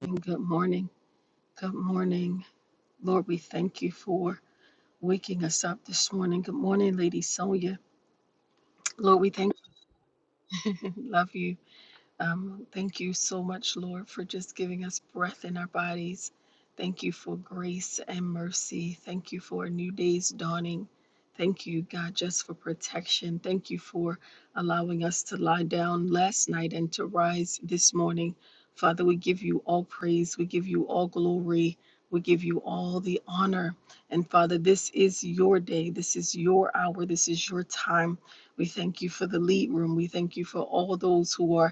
And Good morning. Good morning. Lord, we thank you for waking us up this morning. Good morning, Lady Sonia. Lord, we thank you. Love you. Um, thank you so much, Lord, for just giving us breath in our bodies. Thank you for grace and mercy. Thank you for a new day's dawning. Thank you, God, just for protection. Thank you for allowing us to lie down last night and to rise this morning. Father, we give you all praise. We give you all glory. We give you all the honor. And Father, this is your day. This is your hour. This is your time. We thank you for the lead room. We thank you for all those who are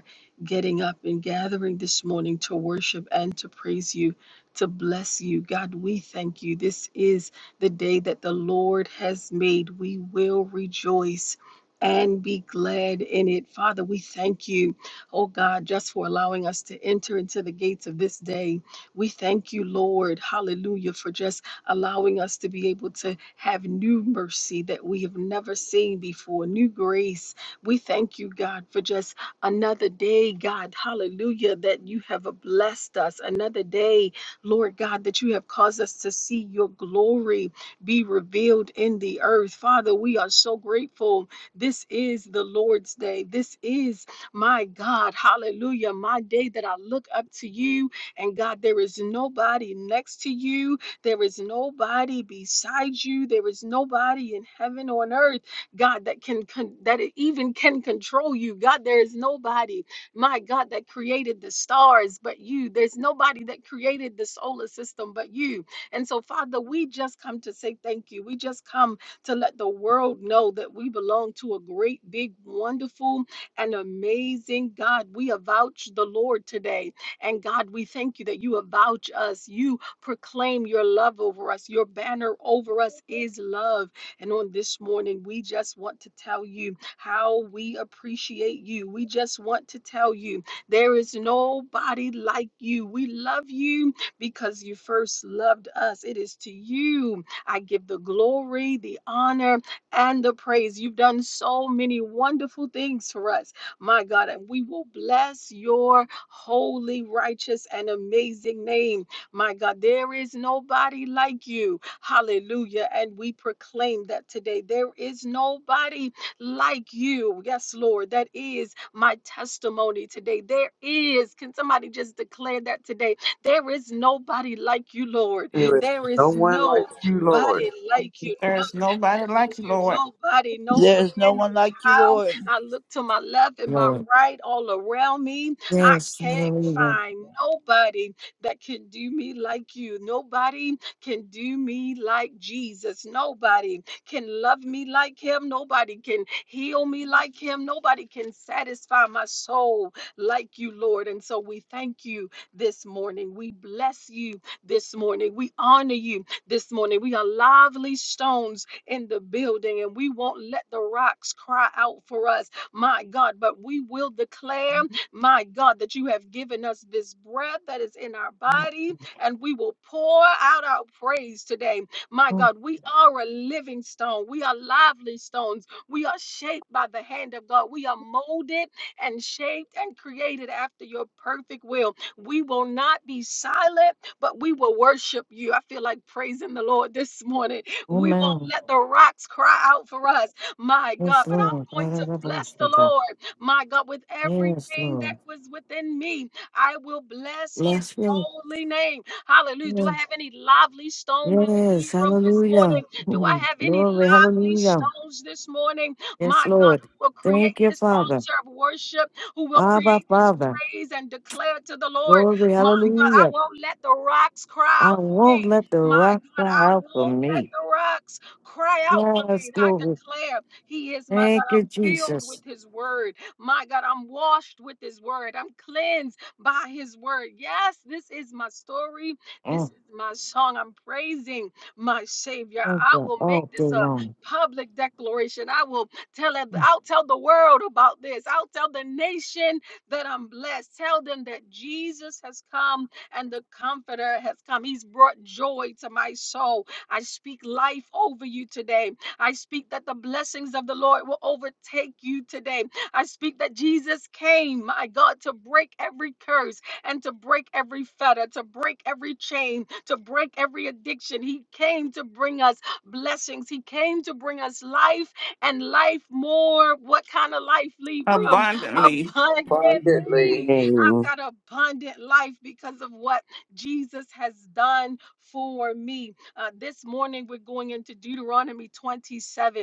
getting up and gathering this morning to worship and to praise you, to bless you. God, we thank you. This is the day that the Lord has made. We will rejoice. And be glad in it. Father, we thank you, oh God, just for allowing us to enter into the gates of this day. We thank you, Lord, hallelujah, for just allowing us to be able to have new mercy that we have never seen before, new grace. We thank you, God, for just Another day, God, hallelujah, that you have blessed us. Another day, Lord God, that you have caused us to see your glory be revealed in the earth. Father, we are so grateful. This is the Lord's day. This is my God, hallelujah, my day that I look up to you. And God, there is nobody next to you. There is nobody beside you. There is nobody in heaven or on earth God, that can con- that it even can control you. God, there is nobody, my God, that created the stars but you. There's nobody that created the solar system but you. And so, Father, we just come to say thank you. We just come to let the world know that we belong to a great, big, wonderful, and amazing God. We avouch the Lord today. And God, we thank you that you avouch us. You proclaim your love over us. Your banner over us is love. And on this morning, we just want to tell you how we appreciate you. We just want to tell you there is nobody like you. We love you because you first loved us. It is to you I give the glory, the honor, and the praise. You've done so many wonderful things for us, my God, and we will bless your holy, righteous, and amazing name. My God, there is nobody like you. Hallelujah. And we proclaim that today. There is nobody like you. Yes, Lord. That is my testimony today. There is. Can somebody just declare that today? There is nobody like you, Lord. There is There no is one like you, nobody Lord, like you. There is None nobody like like you, you. Lord, Nobody, nowhere, There's no no one like you, how. Lord. I look to my left and my Lord. right, all around me. I Yes, can't hallelujah. find nobody that can do me like you. Nobody can do me like Jesus. Nobody can love me like him. Nobody can heal me like him. Nobody can satisfy my soul like you, Lord. And so we thank you this morning. We bless you this morning. We honor you this morning. We are lively stones in the building and we won't let the rocks cry out for us, my God, but we will declare my God, that you have given us this breath that is in our body, and we will pour out our praise today. My Oh, God, we are a living stone. We are lively stones. We are shaped by the hand of God. We are molded and shaped and created after your perfect will. We will not be silent, but we will worship you. I feel like praising the Lord this morning. We won't Amen. let the rocks cry out for us, my God. Yes, But Lord. I'm going to bless the Ba-da-da-bo-shaka. Lord. My God, with Yes, everything that Lord. was within me, I will bless his Bless you. holy name. Hallelujah. Do I Yes, have any lively stones in the Yes, lead room this hallelujah. morning? Do I Mm, have any Glory, lively hallelujah. stones this morning? Yes, My God, Lord. who will create Thank you, this Father. altar of worship, who will Abba, create this Father. praise and declare to the Lord, Glory, my God, I hallelujah. won't let the rocks cry I out for won't me. let the My rock God, cry I out for won't let me. the rocks cry out for Yes, me. I glory. declare he is my God. Thank you, I'm filled with Jesus. his word. My God, I'm washed with His word. I'm cleansed by His word. Yes, this is my story. This Mm, is my song. I'm praising my Savior. Thank I you will all make day this a long. public declaration. I will tell it. I'll tell the world about this. I'll tell the nation that I'm blessed. Tell them that Jesus has come and the Comforter has come. He's brought joy to my soul. I speak life over you today. I speak that the blessings of the Lord will overtake you today. I speak that Jesus came, my God, to break every curse and to break every fetter, to break every chain, to break every addiction. He came to bring us blessings. He came to bring us life and life more. What kind of life, Libram? abundantly. abundantly Abundantly. I've Amen. got abundant life because of what Jesus has done for me. Uh, this morning, we're going into Deuteronomy 27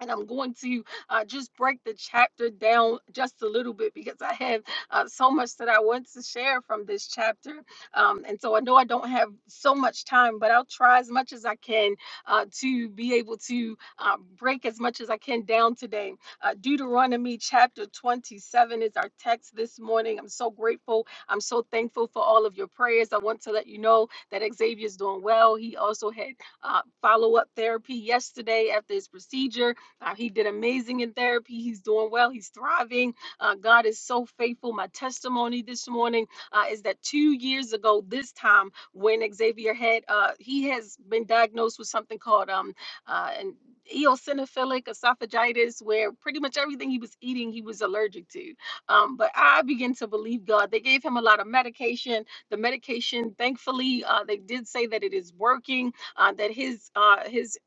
and I'm going to uh, just break the chapter down just a little bit because I have uh, so much that I want to share from this chapter. Um, and so I know I don't have so much time, but I'll try as much as I can uh, to be able to uh, break as much as I can down today. Uh, Deuteronomy chapter 27 is our text this morning. I'm so grateful. I'm so thankful for all of your prayers. I want to let you know that Xavier's doing well. He also had uh, follow up therapy yesterday after his procedure. Uh, he did amazing in therapy. He's doing well. He's thriving. Uh, God is so faithful. My testimony this morning uh, is that two years ago, this time when Xavier had, uh, he has been diagnosed with something called um, uh, an eosinophilic esophagitis, where pretty much everything he was eating, he was allergic to. Um, but I began to believe God. They gave him a lot of medication. The medication, thankfully, uh, they did say that it is working uh, that his uh, his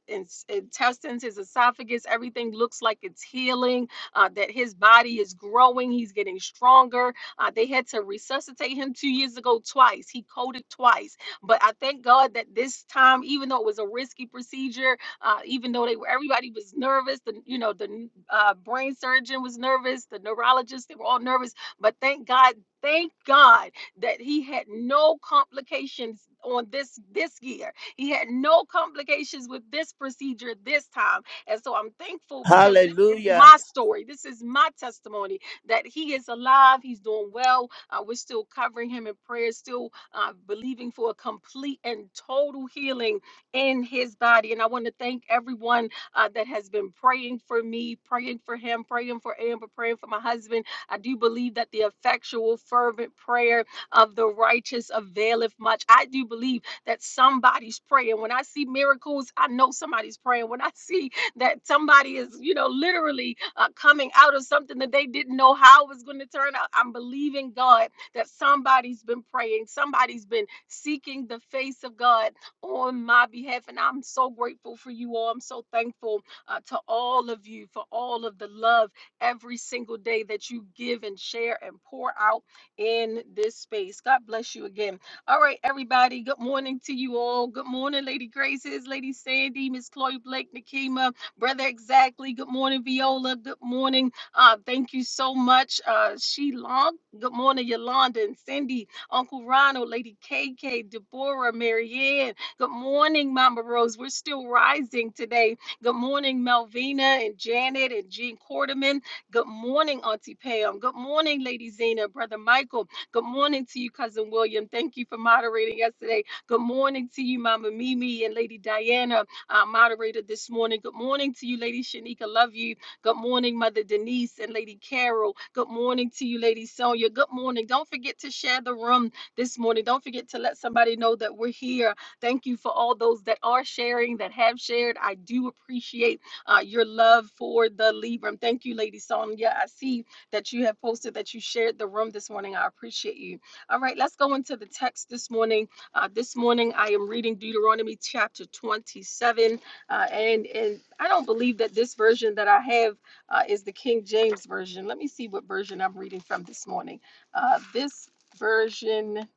intestines, his esophagus, everything looks like it's healing. Uh, that his body is growing, he's getting stronger. Uh, they had to resuscitate him two years ago twice. He coded twice, but I thank God that this time, even though it was a risky procedure, uh, even though they were everybody was nervous, the you know the uh, brain surgeon was nervous, the neurologist they were all nervous, but thank God. Thank God that he had no complications on this this year he had no complications with this procedure this time. And so I'm thankful because this is Hallelujah. my story. This is my testimony that he is alive. He's doing well. Uh, we're still covering him in prayer, still uh, believing for a complete and total healing in his body. And I want to thank everyone uh, that has been praying for me, praying for him, praying for Amber, praying for my husband. I do believe that the effectual, fervent prayer of the righteous availeth much. I do believe that somebody's praying. When I see miracles, I know somebody's praying. When I see that somebody is, you know, literally uh, coming out of something that they didn't know how it was going to turn out, I'm believing God that somebody's been praying, somebody's been seeking the face of God on my behalf. And I'm so grateful for you all. I'm so thankful uh, to all of you for all of the love every single day that you give and share and pour out in this space. God bless you again all right, everybody. Good morning to you all. Good morning, Lady Graces, Lady Sandy, Miss Chloe Blake, Nakima, Brother Exactly. Good morning, Viola. Good morning. Uh, thank you so much, uh, She Long. Good morning, Yolanda and Cindy, Uncle Ronald, Lady K K, Deborah, Marianne. Good morning, Mama Rose. We're still rising today. Good morning, Melvina and Janet and Jean Quarterman. Good morning, Auntie Pam. Good morning, Lady Zena, Brother Michael. Good morning to you, Cousin William. Thank you for moderating yesterday. Good morning to you, Mama Mimi and Lady Diana, our moderator this morning. Good morning to you, Lady Shanika. Love you. Good morning, Mother Denise and Lady Carol. Good morning to you, Lady Sonia. Good morning. Don't forget to share the room this morning. Don't forget to let somebody know that we're here. Thank you for all those that are sharing, that have shared. I do appreciate uh, your love for the Libram. Thank you, Lady Sonia. I see that you have posted, that you shared the room this morning. I appreciate you. All right, let's go into the text this morning. Uh, this morning, I am reading Deuteronomy chapter 27, uh, and and I don't believe that this version that I have uh, is the King James version. Let me see what version I'm reading from this morning. Uh, this version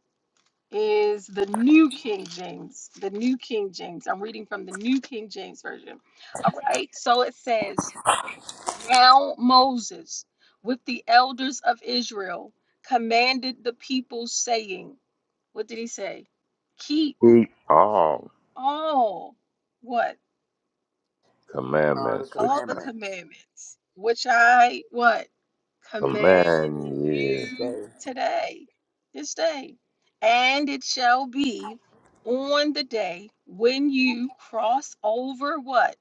is the New King James. The New King James. I'm reading from the New King James version. All right, so it says. Now Moses, with the elders of Israel, commanded the people, saying, What did he say? Keep keep all all what? on the commandments which All I the commandments. commandments, which I what? Command command You you. just you say today, this day. And it shall be on the day when you cross over what?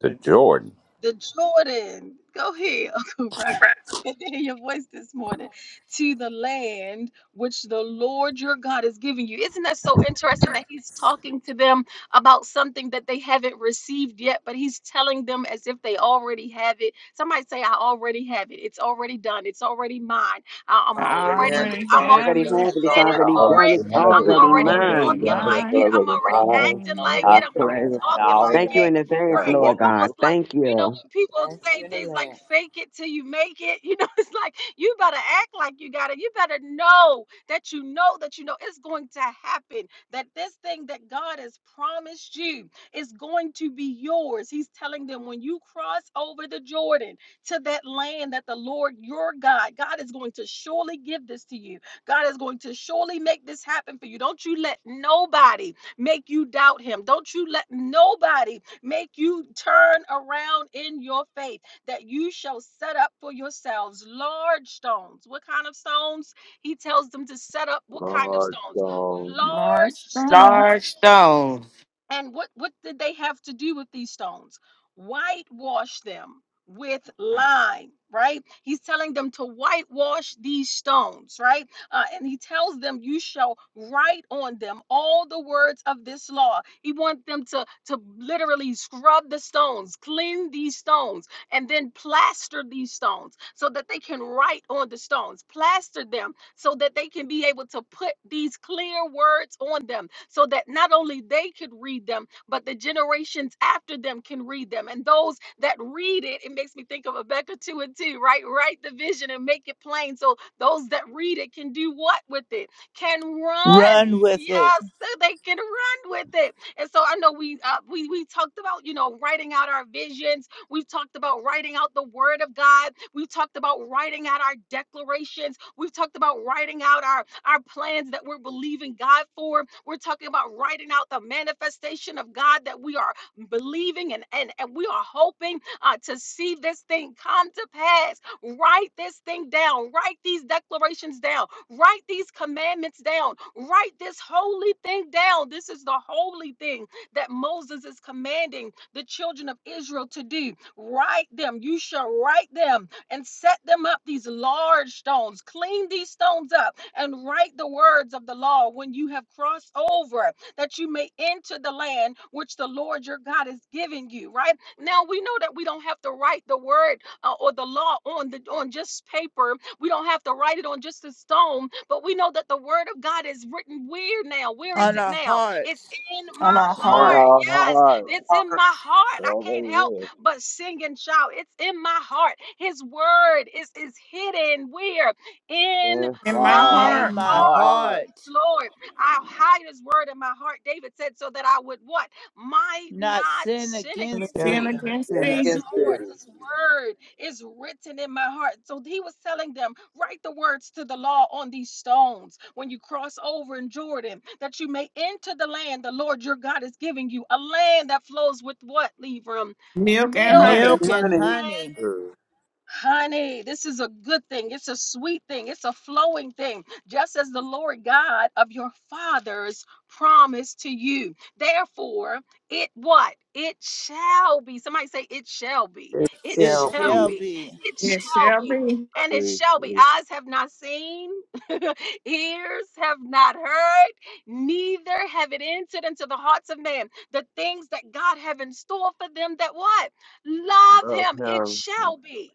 The the joy. Jordan. the Jordan, go ahead, Uncle Ronald. Good to hear your voice this morning to the land which the Lord your God is giving you. Isn't that so interesting that he's talking to them about something that they haven't received yet, but he's telling them as if they already have it? Somebody say, I already have it. It's already done. It's already mine. I- I'm I already I have already, it. already It's I'm already Already have already done. it. It's happened. It's planning already already already mine. done. for it. It's have It's I'm it. already It's already already already mine. walking done. like It's mine. it. I'm already Yeah. already mine. acting like I Already it. Amen. I'm done. already claim it I already talking now. like have Thank you it in it. advance, Gotta right? It's Lord walk God. almost into like Thank you know, you. when people Thank you say in things like advance. fake it till you make it, you know, it's like you better act like you got it. You better know that you know that you know it's going to happen, that this thing that God has promised you is going to be yours. He's telling them when you cross over the Jordan to that land that the Lord your God, God is going to surely give this to you. God is going to surely make this happen for you. Don't you let nobody make you doubt him. Don't you let nobody make you turn around in your faith, that you shall set up for yourselves large stones. What kind of stones? He tells them to set up what kind of Lord. stones? Um, Lord, Large strong Large stones stone. and what, what did they have to do with these stones? Whitewash them with lime, right? He's telling them to whitewash these stones, right? Uh, and he tells them, You shall write on them all the words of this law. He wants them to, to literally scrub the stones, clean these stones, and then plaster these stones so that they can write on the stones, plaster them so that they can be able to put these clear words on them so that not only they could read them, but the generations after them can read them. And those that read it, it makes me think of Rebecca 2 and 2, right? Write the vision and make it plain. So those that read it can do what with it? Can run. Run with it Yes, so they can run with it. And so I know we uh, we we talked about, you know, writing out our visions We've talked about writing out the word of God. We've talked about writing out our declarations. We've talked about writing out our, our plans that we're believing God for. We're talking about writing out the manifestation of God that we are believing and, and, and we are hoping uh, to see this thing come to pass. Write this thing down. Write these declarations down. Write these commandments down. Write this holy thing down. This is the holy thing that Moses is commanding the children of Israel to do. Write them. You shall write them and set them up, these large stones. Clean these stones up and write the words of the law when you have crossed over, that you may enter the land which the Lord your God is giving you. Right now, we know that we don't have to write the word uh, or the law on the on just paper. We don't have to write it on just a stone, but we know that the word of God is written where now? Where is on it our now? It's hearts, in on my our come on, heart. heart, our Yes, heart. it's in Heart my It heart. I can't help already is. but sing and shout. It's in my heart. His word is, is hidden where? In It's in my my my in heart, heart. my heart. heart, Yes, Lord, I'll hide his word in my heart. David said, so that I would what? Might not not sin sin against against Hallelujah. sin thee. thee. against sin Yes, thee, Yes, against it you. Lord, his word is written in my heart. So he was telling them, write the words to the law on these stones when you cross over in Jordan, that you may enter the land the Lord your God is giving you, a land that flows with what, Levram? milk and Milk Okay, honey. Milk and honey. honey, is. Honey, this is a good thing. It's a sweet thing. It's a flowing thing, just as the Lord God of your fathers promised to you. Therefore, it what? It shall be. Somebody say, It shall be. It It it shall shall shall be. be. be It It shall shall be. be And I it mean, shall be. it's Eyes have not seen, ears have not heard, neither have it entered into the hearts of man. The things that God have in store for them that what? Love love him. It him shall be.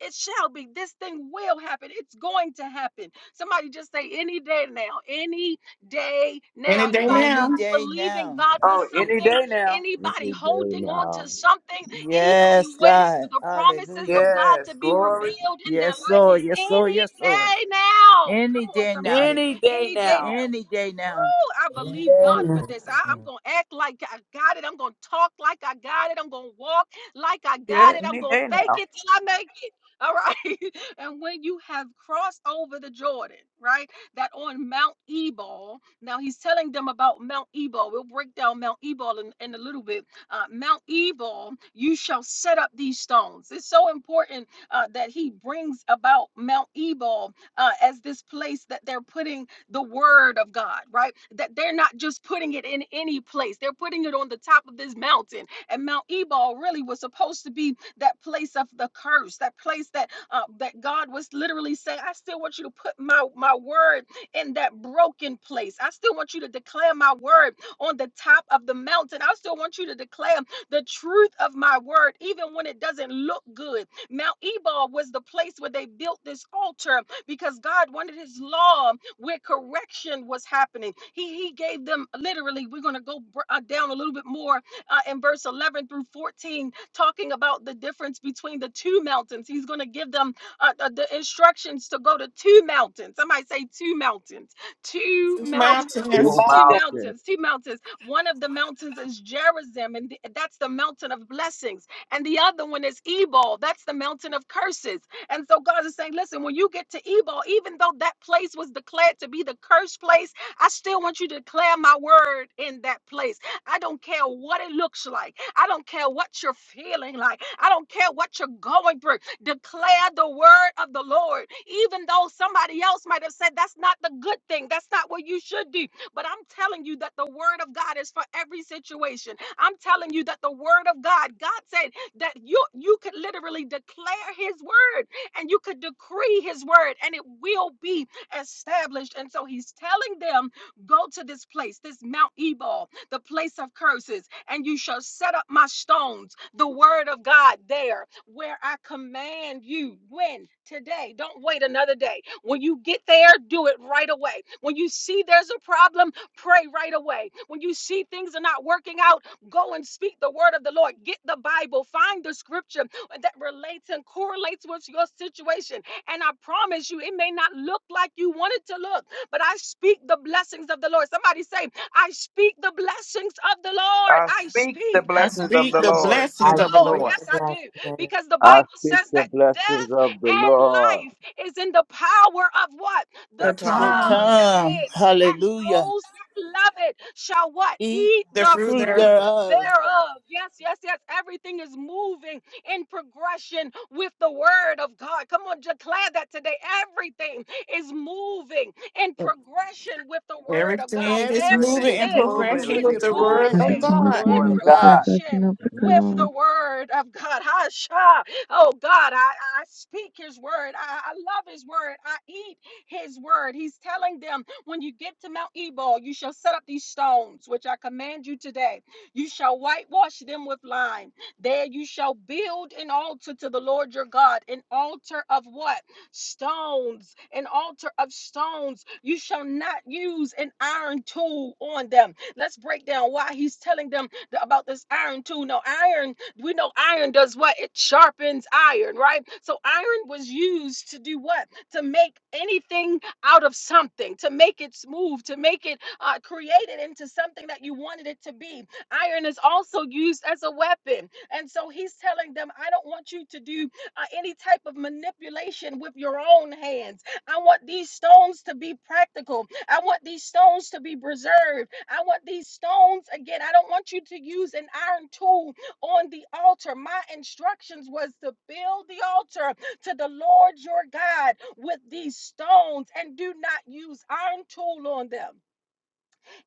It shall be. This thing will happen. It's going to happen. Somebody just say, any day now, any day now. any day Anybody any now, day believing now. God for Oh, any something, day now. anybody every day holding on to now. something, anybody Yes, waiting for God. the promises Hallelujah. of God Yes, to be glory. revealed in their Yes, life, Lord. Yes, Lord. any Yes, Lord. day now. Any Come on, day now. somebody. Any day Any day now. now. Any day now. I believe God for Amen. this. I, am going to act like I got it. I'm going to talk like I got it. I'm going to walk like I got Yeah, it. I'm any going day to fake now. it till I make it. All right. and when you have crossed over the Jordan, right, that on Mount Ebal, now he's telling them about Mount Ebal. We'll break down Mount Ebal in, in a little bit. Uh, Mount Ebal, you shall set up these stones. It's so important uh, that he brings about Mount Ebal uh, as this place that they're putting the word of God, right? That they're not just putting it in any place. They're putting it on the top of this mountain. And Mount Ebal really was supposed to be that place of the curse, that place that uh, that God was literally saying, I still want you to put my, my word in that broken place. I still want you to declare my word on the top of the mountain. I still want you to declare the truth of my word, even when it doesn't look good. Mount Ebal was the place where they built this altar because God wanted his law where correction was happening. He, he gave them literally, we're going to go br- uh, down a little bit more uh, in verse 11 through 14, talking about the difference between the two mountains. He's going to give them uh, uh, the instructions to go to two mountains. Somebody say two mountains. Two these mountains. Two mountains. Two mountains. mountains, two mountains. One of the mountains is Gerizim, and th- that's the mountain of blessings. And the other one is Ebal, that's the mountain of curses. And so God is saying, listen, when you get to Ebal, even though that place was declared to be the cursed place, I still want you to declare my word in that place. I don't care what it looks like. I don't care what you're feeling like. I don't care what you're going through. Declare the word of the Lord. Even though somebody else might have said that's not the good thing, that's not what you should do. But I'm telling you that the word of God is for every situation. I'm telling you that the word of God, God said that you you could literally declare his word and you could decree his word and it will be established. And so he's telling them, go to this place, this Mount Ebal, the place of curses and you shall set up my stones, the word of God there, where I command you. When? Today. Don't wait another day. When you get there, do it right away. When you see there's a problem, pray right away. When you see things are not working out, go and speak the word of the Lord. Get the Bible, find the scripture that relates and correlates with your situation. And I promise you, it may not look like you want it to look, but I speak the blessings of the Lord. Somebody say, I speak the blessings of the Lord. I I speak the speak I the blessings of speak the the blessings Lord. of blessings I the of the Lord. speak Lord, Yes, the I do. blessing that is Because the I Bible speak says the that blessings death of the and Lord. life is in the power of what? The the The The tongue. palm, tongue. Yes, it tongue. is. And Hallelujah. those that love it shall what? Eat Eat the the the fruit fruit fruit thereof. thereof. thereof. Yes, yes, yes. Everything is moving in progression with the word of God. Come on, declare that today. Everything is moving in progression with the word of God. Everything is Everything Everything moving is is in Everything moving. moving progression is with Everything with the is the moving word in of progression of perfection moving with the the God. Word in word of Nebuchadnezzar, of the God. God. possession progression of the with God, the word of God. Hasha. Oh God, I, I speak his word. I, I love his word. I eat his word. He's telling them when you get to Mount Ebal, you shall set up these stones, which I command you today. You shall whitewash them with lime. There you shall build an altar to the Lord your God, an altar of what? stones, an altar of stones. You shall not use an iron tool on them. Let's break down why he's telling them th- about this iron tool. Now, iron, we know iron does what? It sharpens iron, right? So, iron was used to do what? To make anything out of something, to make it smooth, to make it uh, created into something that you wanted it to be. Iron is also used as a weapon. And so, he's telling them, I don't want you to do uh, any type of manipulation with your own hands. I want these stones to be practical. I want these stones to be preserved. I want these stones again. I don't want you to use an iron tool on the altar. My instructions was to build the altar to the Lord your God with these stones and do not use iron tool on them.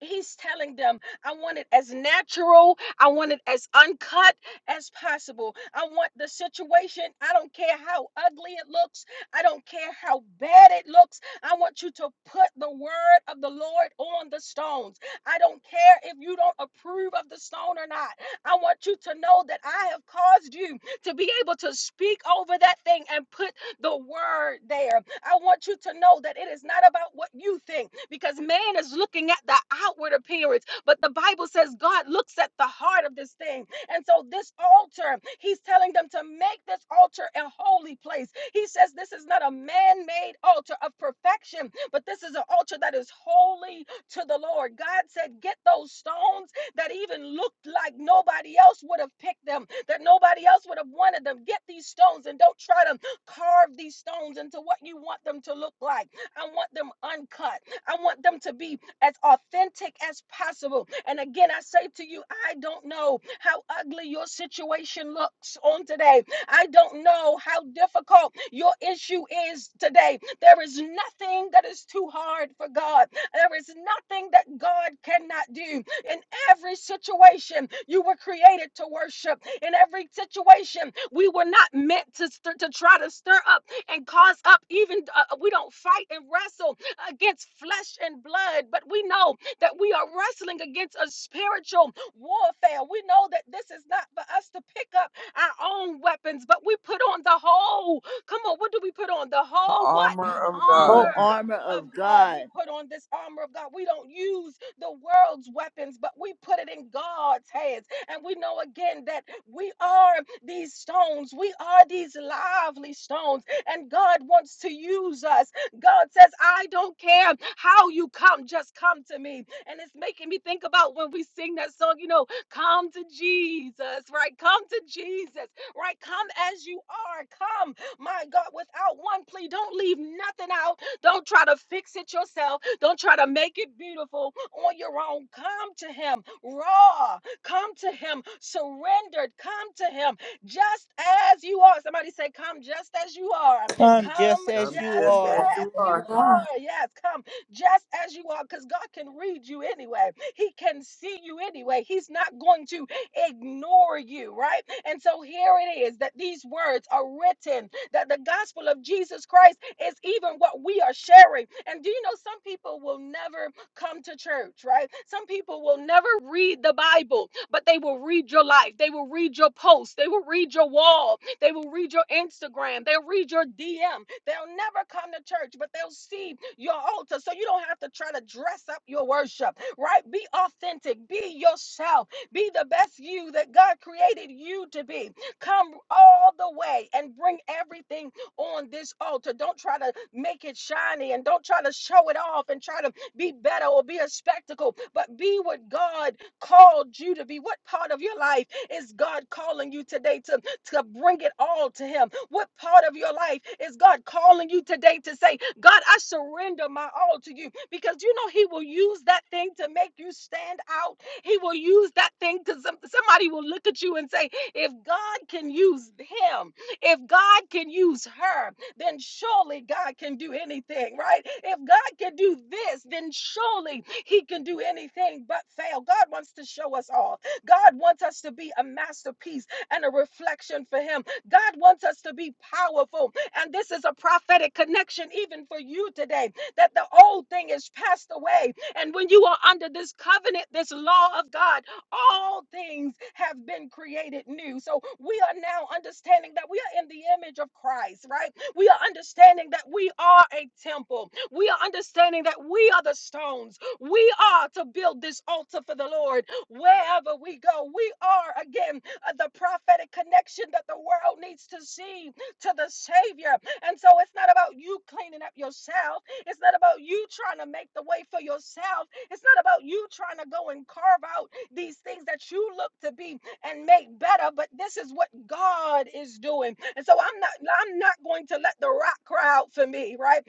He's telling them, I want it as natural, I want it as uncut as possible. I want the situation, I don't care how ugly it looks, I don't care how bad it looks. I want you to put the word of the Lord on the stones. I don't care if you don't approve of the stone or not. I want you to know that I have caused you to be able to speak over that thing and put the word there. I want you to know that it is not about what you think because man is looking at the outward appearance, but the Bible says God looks at the heart of this thing. And so, this altar, he's telling them to make this altar a holy place. He says this is not a man made altar of perfection, but this is an altar that is holy to the Lord. God said, Get those stones that even looked like nobody else would have picked them, that nobody else would have wanted them. Get these stones and don't try to Carve these stones into what you want them to look like. I want them uncut. I want them to be as authentic as possible. And again, I say to you, I don't know how ugly your situation looks on today. I don't know how difficult your issue is today. There is nothing that is too hard for God. There is nothing that God cannot do. In every situation, you were created to worship. In every situation, we were not meant to, st- to try to stir up and cause up. Even uh, uh, we don't fight and wrestle against flesh and blood, but we know that we are wrestling against a spiritual warfare. We know that this is not for us to pick up our own weapons, but we put on the whole. Come on, what do we put on? The The whole what? armor of God. Whole Armor armor of of God. God. We put on this armor of God. We don't use the world's weapons, but we put it in God's hands. And we know again that we are these stones, we are these lively stones, and God wants to use us. God says, I don't care how you come, just come to me. And it's making me think about when we sing that song, you know, come to Jesus, right? Come to Jesus, right? Come as you are. Come, my God, without one plea. Don't leave nothing out don't try to fix it yourself. Don't try to make it beautiful on your own. Come to Him raw. Come to Him surrendered. Come to Him just as you are. Somebody say, Come just as you are. Come Come just as just I'm you just are. as blessed as you as you you are. are. are. Yes, come just as you are because God can read you anyway. He can see you anyway. He's not going to ignore you, right? And so here it is that these words are written that the gospel of Jesus Christ is even what we are sharing. And do you know some people will never come to church, right? Some people will never read the Bible, but they will read your life. They will read your post. They will read your wall. They will read your Instagram. They'll read your DM. They'll never come to church, but they'll see your altar. So you don't have to try to dress up your worship, right? Be authentic. Be yourself. Be the best you that God created you to be. Come all the way and bring everything on this altar. Don't try to make it shiny and don't try to show it off and try to be better or be a spectacle, but be what God called you to be. What part of your life is God calling you today to, to bring it all to Him? What part of your life is God calling you today to say, God, I surrender my all to you? Because you know He will use that thing to make you stand out he will use that thing because some, somebody will look at you and say, if God can use him, if God can use her, then surely God can do anything, right? If God can do this, then surely He can do anything but fail. God wants to show us all. God wants us to be a masterpiece and a reflection for Him. God wants us to be powerful. And this is a prophetic connection, even for you today, that the old thing is passed away and when you are under this covenant, this law of God, all things have been created new. So we are now understanding that we are in the image of Christ, right? We are understanding that we are a temple. We are understanding that we are the stones. We are to build this altar for the Lord wherever we go. We are, again, uh, the prophetic connection that the world needs to see to the Savior. And so it's not about you cleaning up yourself. It's not about you trying to make the way for yourself. It's not about you trying to go and carve out these things that you look to be and make better, but this is what God is doing. And so I'm not I'm not going to let the rock cry out for me, right?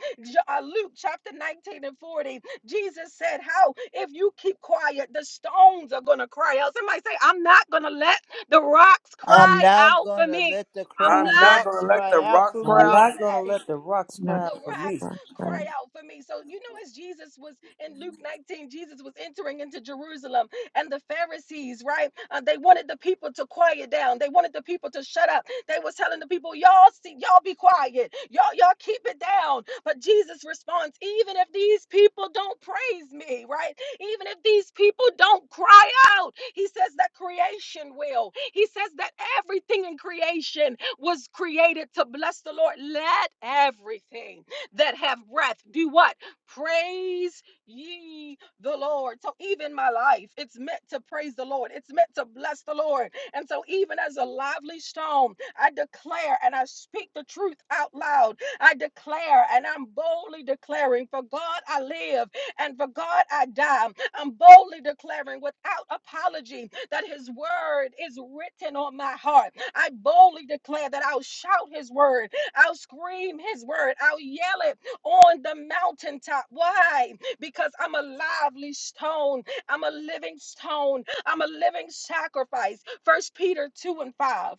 uh, Luke chapter 19 and 40. Jesus said, "How if you keep quiet, the stones are going to cry out." Somebody say, "I'm not going to let the rocks I'm cry now out going for to me. let the I'm cry, I'm not not rocks gonna let the cry out rock for I'm going crowd me. not to going to let let the rocks cry the for of the me. rocks cry Godfather. out for me. So, you know, as Jesus was in Luke 19, Jesus was entering into Jerusalem, and the Pharisees, right? Uh, they wanted the people to quiet down. They wanted the people to shut up. They was telling the people, y'all see, y'all be quiet. Y'all, y'all keep it down. But Jesus responds, even if these people don't praise me, right? Even if these people don't cry out, he says that creation will. He says that everything in creation was created to bless the Lord. Let everything that have breath do what? Praise ye the Lord. So even my life, it's meant to praise the Lord. It's meant to bless the Lord. And so even as a lively stone, I declare and I speak the truth out loud. I declare and I'm boldly declaring, for God I live and for God I die. I'm boldly declaring without apology that his word is written on my heart. I boldly declare that I'll shout his word, I'll scream his word, I'll yell it on the mountaintop. Why? Because I'm a lively stone, I'm a living stone, I'm a living sacrifice. First Peter 2 and 5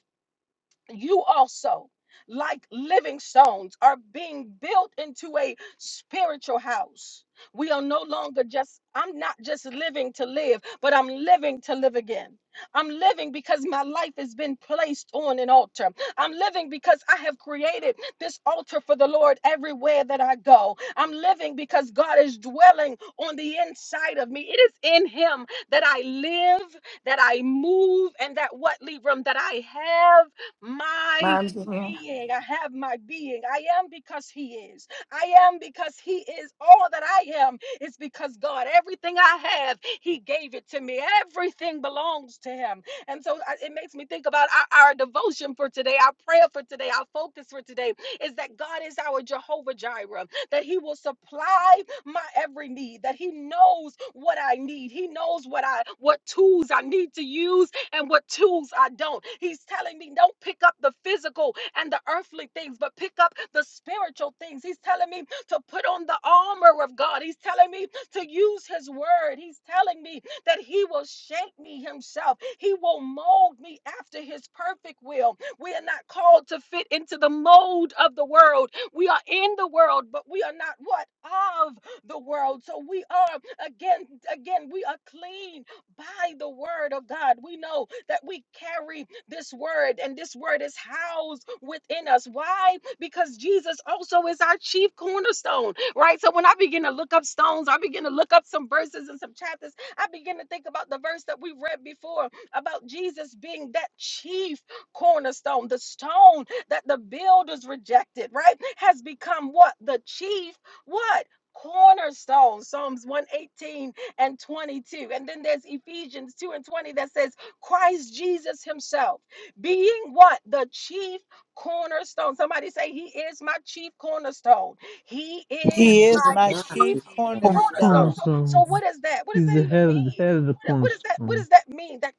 you also, like living stones, are being built into a spiritual house. We are no longer just, I'm not just living to live, but I'm living to live again. I'm living because my life has been placed on an altar. I'm living because I have created this altar for the Lord everywhere that I go. I'm living because God is dwelling on the inside of me. It is in Him that I live, that I move, and that what, Libram, that I have my My dear. being. I have my being. I am because He is. I am because He is. All that I am is because God. Everything I have, He gave it to me. Everything belongs to Him. And so I- it makes me think about our, our devotion for today, our prayer for today, our focus for today is that God is our Jehovah Jireh, that He will supply my every need, that He knows what I need. He knows what I what tools I need to use and what tools I don't. He's telling me, don't pick up the physical and the earthly things, but pick up the spiritual things. He's telling me to put on the armor of God. He's telling me to use his word. He's telling me that he will shape me himself. He will mold me after his perfect will. We are not called to fit into the mold of the world. We are in the world, but we are not what? Of the world. So we are again, again, we are clean by the word of God. We know that we carry this word, and this word is housed within us. Why? Because Jesus also is our chief cornerstone, right? So when I begin to look up stones, I begin to look up some verses and some chapters, I begin to think about the verse that we read before about Jesus being that chief cornerstone, the stone that the builders rejected, right? Has become what? The chief, what? Cornerstone. Psalms 118 and 22. And then there's Ephesians 2 and 20 that says, Christ Jesus himself being what? The chief cornerstone. Somebody say, He is my chief cornerstone. He is He is my Good my get chief chief mercy, the cornerstone. cornerstone, cornerstone. So, so cornerstone. what is that? What does He's that the even head of the mean? head of the What, what does that what cornerstone. does that mean? That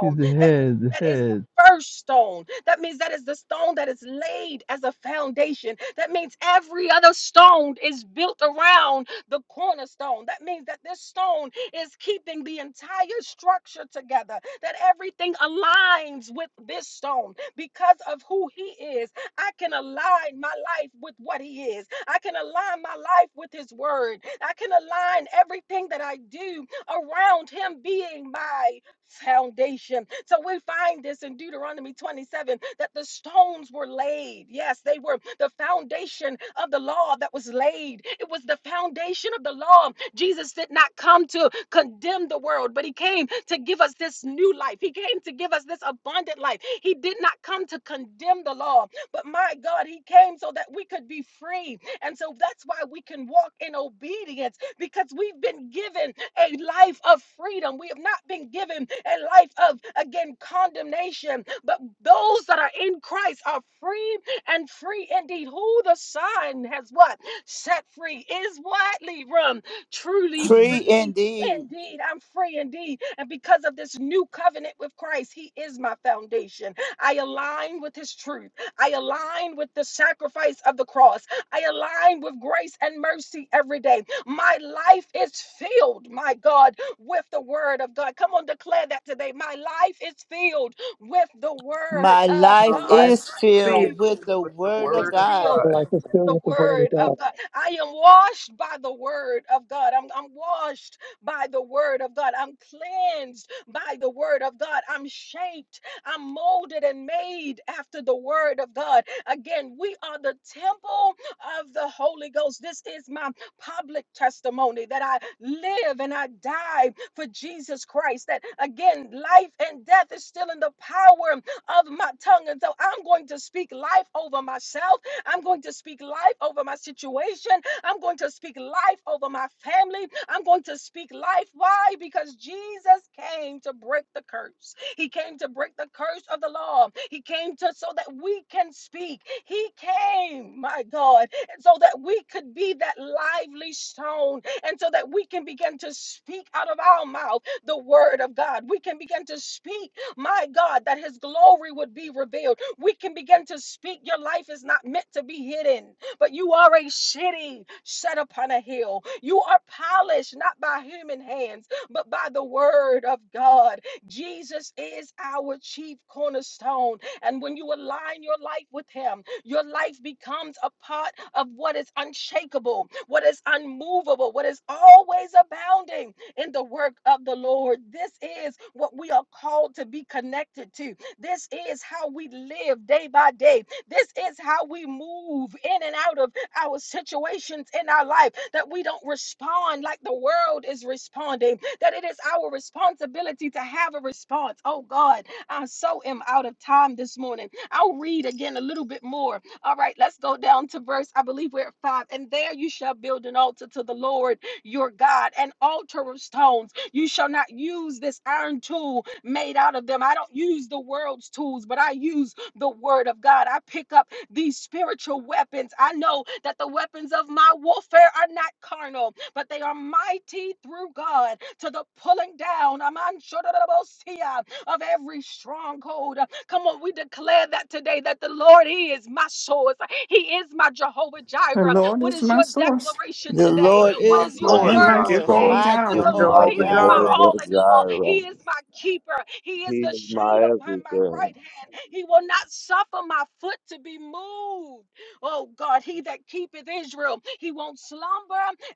He's the That means head, the that is the head. first stone. That means that is the stone that is laid as a foundation. That means every other stone is built around the cornerstone. That means that this stone is keeping the entire structure together, that everything aligns with this stone because of who he is. I can align my life with what he is. I can align my life with his word. I can align everything that I do around him being my foundation. So we find this in Deuteronomy 27 that the stones were laid. Yes, they were the foundation of the law that was laid. It was the foundation of the law. Jesus did not come to condemn the world, but he came to give us this new life. He came to give us this abundant life. He did not come to condemn the law, but my God, he came so that we could be free. And so that's why we can walk in obedience because we've been given a life of freedom. We have not been given a life of, again, condemnation. But those that are in Christ are free and free indeed. Who the Son has what? Set free is what, Libram? Truly free free indeed. indeed. I'm free indeed. And because of this new covenant with Christ, He is my foundation. I align with His truth. I align with the sacrifice of the cross. I align with grace and mercy every day. My life is filled, my God, with the word of God. Come on, declare that today. My life is filled with the word My of My life God. life is is Life filled with filled the with the Word of is word of filled God. God. Life is filled the with the word of word God. of God. I am washed by the word of God. I'm, I'm washed by the word of God. I'm cleansed by the word of God. I'm shaped. I'm molded and made after the word of God. Again, we are the temple of the Holy Ghost. This is my public testimony that I live and I die for Jesus Christ. That again, life and death is still in the power of my tongue. And so I'm going to speak life over myself I'm going to speak life over my situation. I'm going to speak life over my family. I'm going to speak life. Why? Because Jesus came to break the curse. He came to break the curse of the law. He came to so that we can speak. He came, my God, so that we could be that lively stone and so that we can begin to speak out of our mouth the word of God. We can begin to speak, my God, that his glory would be revealed we can begin to speak. Your life is not meant to be hidden, but you are a city set upon a hill. You are polished not by human hands, but by the word of God. Jesus is our chief cornerstone. And when you align your life with Him, your life becomes a part of what is unshakable, what is unmovable, what is always abounding in the work of the Lord. This is what we are called to be connected to. This is how we live day by day. This is how we move in and out of our situations in our life, that we don't respond like the world is responding, that it is our responsibility to have a response. Oh God, I so am out of time this morning. I'll read again a little bit more. All right, let's go down to verse, I believe we're at five. And there you shall build an altar to the Lord your God, an altar of stones. You shall not use this iron tool made out of them. I don't use the world's tools, but I use the word of God. I pick up these spiritual weapons. I know that the weapons of my warfare are not carnal, but they are mighty through God to the pulling down Aman shodorobosia, of every stronghold. Come on, we declare that today that the Lord He is my source. He is my Jehovah The Jireh. Lord What is is my your source declaration The The today? Lord Lord is What my is is your Lord, my sword, and he's my my word source, today? Jehovah source. my because He's my Jireh. The Lord my Jehovah He Jehovah is my Jireh. Jireh, all Jehovah in all. He Jireh. is my keeper. He He is the is shade my upon my everything. right hand. He will not suffer my foot to be moved. Oh God, He that keepeth Israel, He won't slumber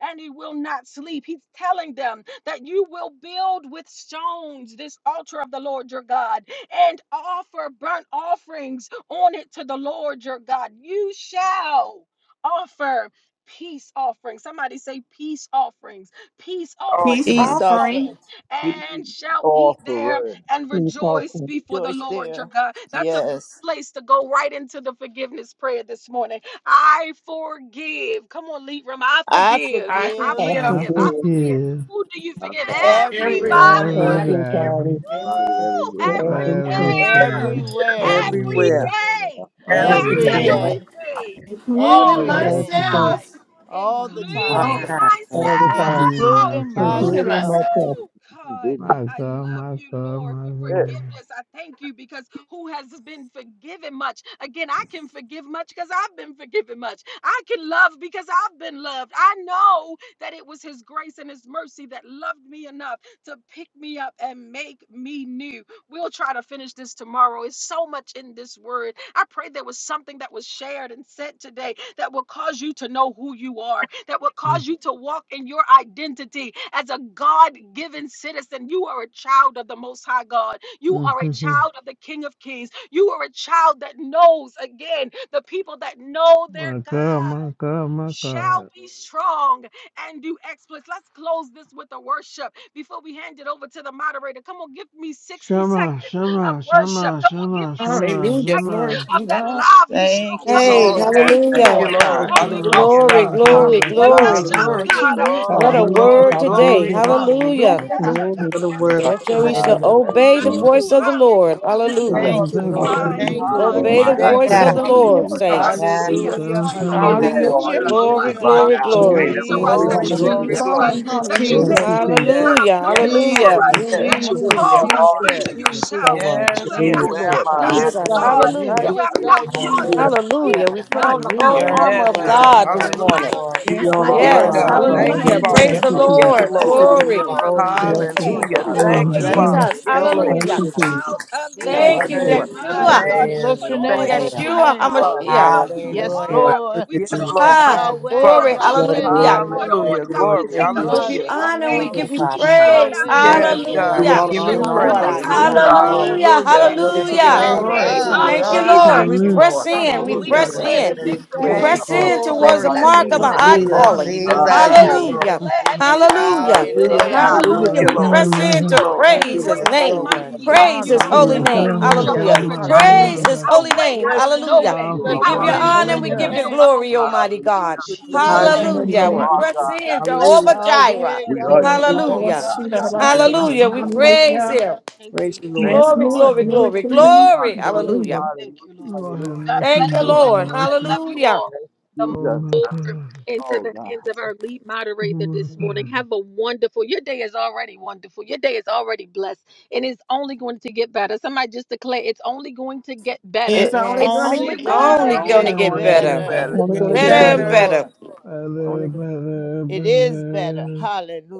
and He will not sleep. He's telling them that you will build with stones this altar of the Lord your God and offer burnt offerings on it to the Lord your God. You shall offer peace offerings. Somebody say peace offerings peace offerings, Peace peace Peace offering. offering. offerings, offerings, and He shall eat there offerer. and He's rejoice often before the Joyce Lord your there. God. That's a good Yes. place to go right into the forgiveness prayer this morning. I forgive. Come on, lead room. I I forgive. I I forgive I forgive I forgive. I forgive goodness, forgive. forgive Who do you I forgive? Everybody. find you everyone, everybody, body, everywhere, every everybody everybody day, money Woo! everywhere for for all but the every time. sin, Everywhere. everything, everything, everywhere, Every everywhere, Everywhere. And, uh, day. Yes, For every every every every every day, day, day, day, day, everything. All including for of and the everything, everything everything, time. myself. all the all the all time, the all time, the Including time. at Thank every you. time, including myself. including myself. including including myself. myself. myself. Woo! God, My I God, love my you, God, Lord, my for God. forgiveness. I thank you because who has been forgiven much? Again, I can forgive much because I've been forgiven much. I can love because I've been loved. I know that it was His grace and His mercy that loved me enough to pick me up and make me new. We'll try to finish this tomorrow. It's so much in this word. I pray there was something that was shared and said today that will cause you to know who you are, that will Mm. cause you to walk in your identity as a God given citizen. You are a child of the Most High God. You are a child of the King of Kings. You are a child that knows, again, the people that know their my God, God my God, my shall God. be strong and do exploits. Let's close this with a worship before we hand it over to the moderator. Come on, give me 60 Shema, seconds of Shema, worship. Shema, Come on, give Shema, me 60 Shema, Hallelujah. seconds Glory Shema. to you, of that God. lively Thank song. you, Come on, Hey, Yes, You Lord. wake do. up yes, thank you, this thank hallelujah. you, Lord morning. Thank Lord. God. you, Thank Holy you, God. Shabbat, Ghost, Hallelujah, Glory, thank You Lord. God. shabbat, you. are glory, shabbat, Wake Hallelujah. us glory. shabbat. up, Hallelujah. Glory Hallelujah. to God. you, What Glory, a Thank Father. Hallelujah, you. glory, glory, word today. glory, hallelujah, Thank Hallelujah. Thank Hallelujah. you glory, for the word glory. of Oh Therefore, we today, you. God, shall Lord. thank Hallelujah. you, Thank obey you, Lord. Thank the you, Lord. Glory, God. voice Woo, Jesus. of the glory, Lord. hallelujah. This glory, Thank Lord, Hallelujah. Thank you, Thank you, you, Lord. Thank you, thank Lord. thank you, you. glory. Lord. Hallelujah. thank My Thank you. hallelujah, You Thank you, Lord. Thank you you, God, for Hallelujah, didn't Obey Lord. my the thank you Thank you, voice sacrifice. of Hallelujah. this the identity, Lord. Thank you, morning Lord, Lord Jesus. hallelujah, that God. you saints. Yes, see Hallelujah. hallelujah. Lord, us, yes. Hallelujah, that Shabbat, you You don't hear know shabbat, who us, you Yes, hallelujah, that are Hallelujah. you in know Jesus Glory, us, hallelujah. by God. glory, that now. you You ain't glory. glory, Hallelujah. answer never Thank you, thank gonna you, glory, us, Glory to Jesus, know. that Glory, Glory your you name to you, hallelujah. glory, this Jesus, deliver us, Father. morning, glory. Jesus, God. that you Glory Thank make Jesus. Hallelujah. to you, your name. ways Jesus. out of Hallelujah. Yes, yes, no way Jesus, for yes, Hallelujah. us, thank Thank you. thank you yes, Hallelujah. you. that you for Jesus, coming in this- Who call Hallelujah. Jesus, us are unto you? yes, You're Jesus, so yourself, that worthy. you yes, Jesus. have not Thank Who you, yes. Hallelujah. am Lord left I? God. us, Yes, oh Jesus. God, God. yes, Hallelujah. God, Hallelujah. Hallelujah. You have yes, I God, not love yes, caused God, Jesus. Mm. us Hallelujah. to Hallelujah. be, Hallelujah. yes, We put God, God, on the yes, whole without God, Thank Hallelujah. you, hope, Worthy, yes, armor but Yes, of you God, Thank have yes, God, you. Jesus. God. worthy, yes, God given God, this us worthy, yes, Hallelujah. morning. shabbat. life God, Lord. yes, Give you Yes, and You God. all the are life Lord. You my Yes, glory Yes. and are all God. God. the more worthy. honor. Hallelujah. Thank you, Hallelujah. Hallelujah, Jesus, abundantly. Praise thank Hallelujah. Father. the you, We Hallelujah, Jesus, Father. We put I Yes, want on Jesus. Lord. the am to your Jesus, Blessed Lord. whole be your Glory. people. armor of hallelujah, Jesus, God hallelujah. Yes, Jesus, Glory to do holiness. you, Lord. today Hallelujah. God. that Oh, we Hallelujah. Woo, Thank may you, my this. be Jesus, Blessed be able Hallelujah. God, to Jesus. Father. Hallelujah. Yes, Jesus, your stand name, Thank Lord. against Hallelujah. the you, Hallelujah, Father Jesus. Jesus. wiles Jesus. God. of the Bless enemy. Thank your Thank you, Thank you. you, Lord. name, Hallelujah. Hallelujah. bless Worthy My your Yeshua. name, God, Thank Hallelujah. we is bless you, put your the on, Hallelujah. name, thank you, bless your Lamb. my thank Yeshua name. you, God, Glory, Father. the, HaMashiach. the glory, whole glory. Yes, Lord. Hallelujah. armor. Thank Lord. you, We put Yes, on Thank Jesus. the Lord. you, Ah, Thank Yes, Jesus. you, breastplate of Yahweh, glory, Lord. Father. Give you all Yes, the righteousness. Yahweh, you hallelujah. We glory. are put the Thank on, Hallelujah. you, God, Lord. we Glory. take Thank We up you. the God. give God you Hallelujah. shield Hallelujah. I of honor, we am. Thank faith. you, give Thank you you, We Father Jesus. God. shod Thank praise. our you, Yahweh, feet with Yes, Jesus. Thank you, Yahweh, God, Give the you Hallelujah. we all Hashem. the Yahweh, give preparation honor you and No all the Hallelujah. of more the praise. praise I this hallelujah, gospel morning, of Hallelujah. Hallelujah. peace Father. Hallelujah. on Hallelujah. hallelujah. Thank today. Glory you to your In for Hallelujah. the your name. Yahweh, Glory name Thank to you, Hallelujah. you, love. of Lord. Thank Yahweh, you, Thank God. Hey. you, Lord. Jesus. Jesus. We Thank you, from press Lord. hallelujah, in. We Thank We Hallelujah. Hallelujah. Mm, you, press Lord. declare hallelujah. the in. Thank Hallelujah. you. Jesus, We victory. Thank Jesus, you, Thank Thank press you, you, Lord. We Father. in Lord. declare towards the Glory to mark you, blessings of the Hallelujah. God. high today. Hallelujah. Jesus, calling. We Jesus, Thank me. Hallelujah. you, declare, Jesus, we Father. Hallelujah. Jesus, declare and Jesus. decree Hallelujah. that it Hallelujah. is Hallelujah. Hallelujah. Jesus, so. Hallelujah, It Thank Hallelujah. My you, is We Jesus. God, done. Lord. press Yes, Thank my in Worthy, to you, God. Lord. Lord. Lord. Thank you, praise Jesus, his Lord. You're Great and Thank so name. you, Lord worthy. mighty God. Jesus, are Praise you, Thank his Jesus, Lord. you. holy Hallelujah. My Hallelujah. Jesus, God, name. Our Jesus. my God, Hallelujah. Hallelujah. Thank Jehovah my you, Jesus, God, Jireh, Jesus. Praise my Hallelujah. his God. holy our Jesus, way name. out of Bless your no Hallelujah. name, way, you bless We Powerful, are your give our Jesus. you worthy. name, powerful, will honor bless and in we the your give Hallelujah. powerful. you middle name. of a glory, wheel. Almighty In God. Hallelujah. It's the Thank Jesus' highest name Thank praise, we you, you, thank Yes. Hallelujah. You Lord. We pray. you. Lord. We are Give press you- God. in God bless Hallelujah. you. Jehovah I love you, Jireh. Yahweh, We are family. your Yahweh, Glory to God. people. Yes, Oh, Hallelujah. What's Lord. God. she that Thank hallelujah, you, Hallelujah. about Jesus. Hallelujah. singing? We hallelujah, Hallelujah, praise Hallelujah. Jesus. hallelujah. him. Thank Praise you, Lord. Thank you, Yes, you, Glory, Lord. Lord. glory, Mm. Thank Glory glory, to you, Lord. Him. glory. Thank you, Hallelujah. Lord. Hallelujah. Hallelujah. Thank you, Hallelujah. Lord. Lord have Hallelujah. God mercy, Thank bless you, you, You Lord are have Lord. Libra. God. I mercy. love you Hallelujah. all. Thank The you, Oh, Jesus. my God. and to Oh, the God. hands of our lead Oh, moderator my this morning. God. Have a wonderful, your day is already wonderful. Your day is already blessed and it's only going to get better. Somebody just declare it's only going to get better. It's It's only It's going to Yes. only only, get going It's to Only better. only going to get get going to It's better, get Better, better. better. gonna bless I'm get going to you. better get Yes, that. and better, better. better. Lord. better, Lord. better, It is better. better.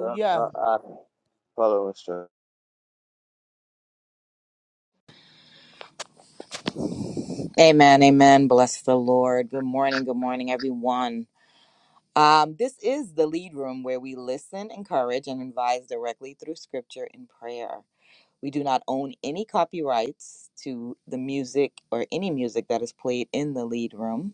Uh, uh, uh, follow us, sir. Amen, amen. Bless the Lord. Good morning, good morning, everyone. Um, this is the lead room where we listen, encourage, and advise directly through scripture and prayer. We do not own any copyrights to the music or any music that is played in the lead room.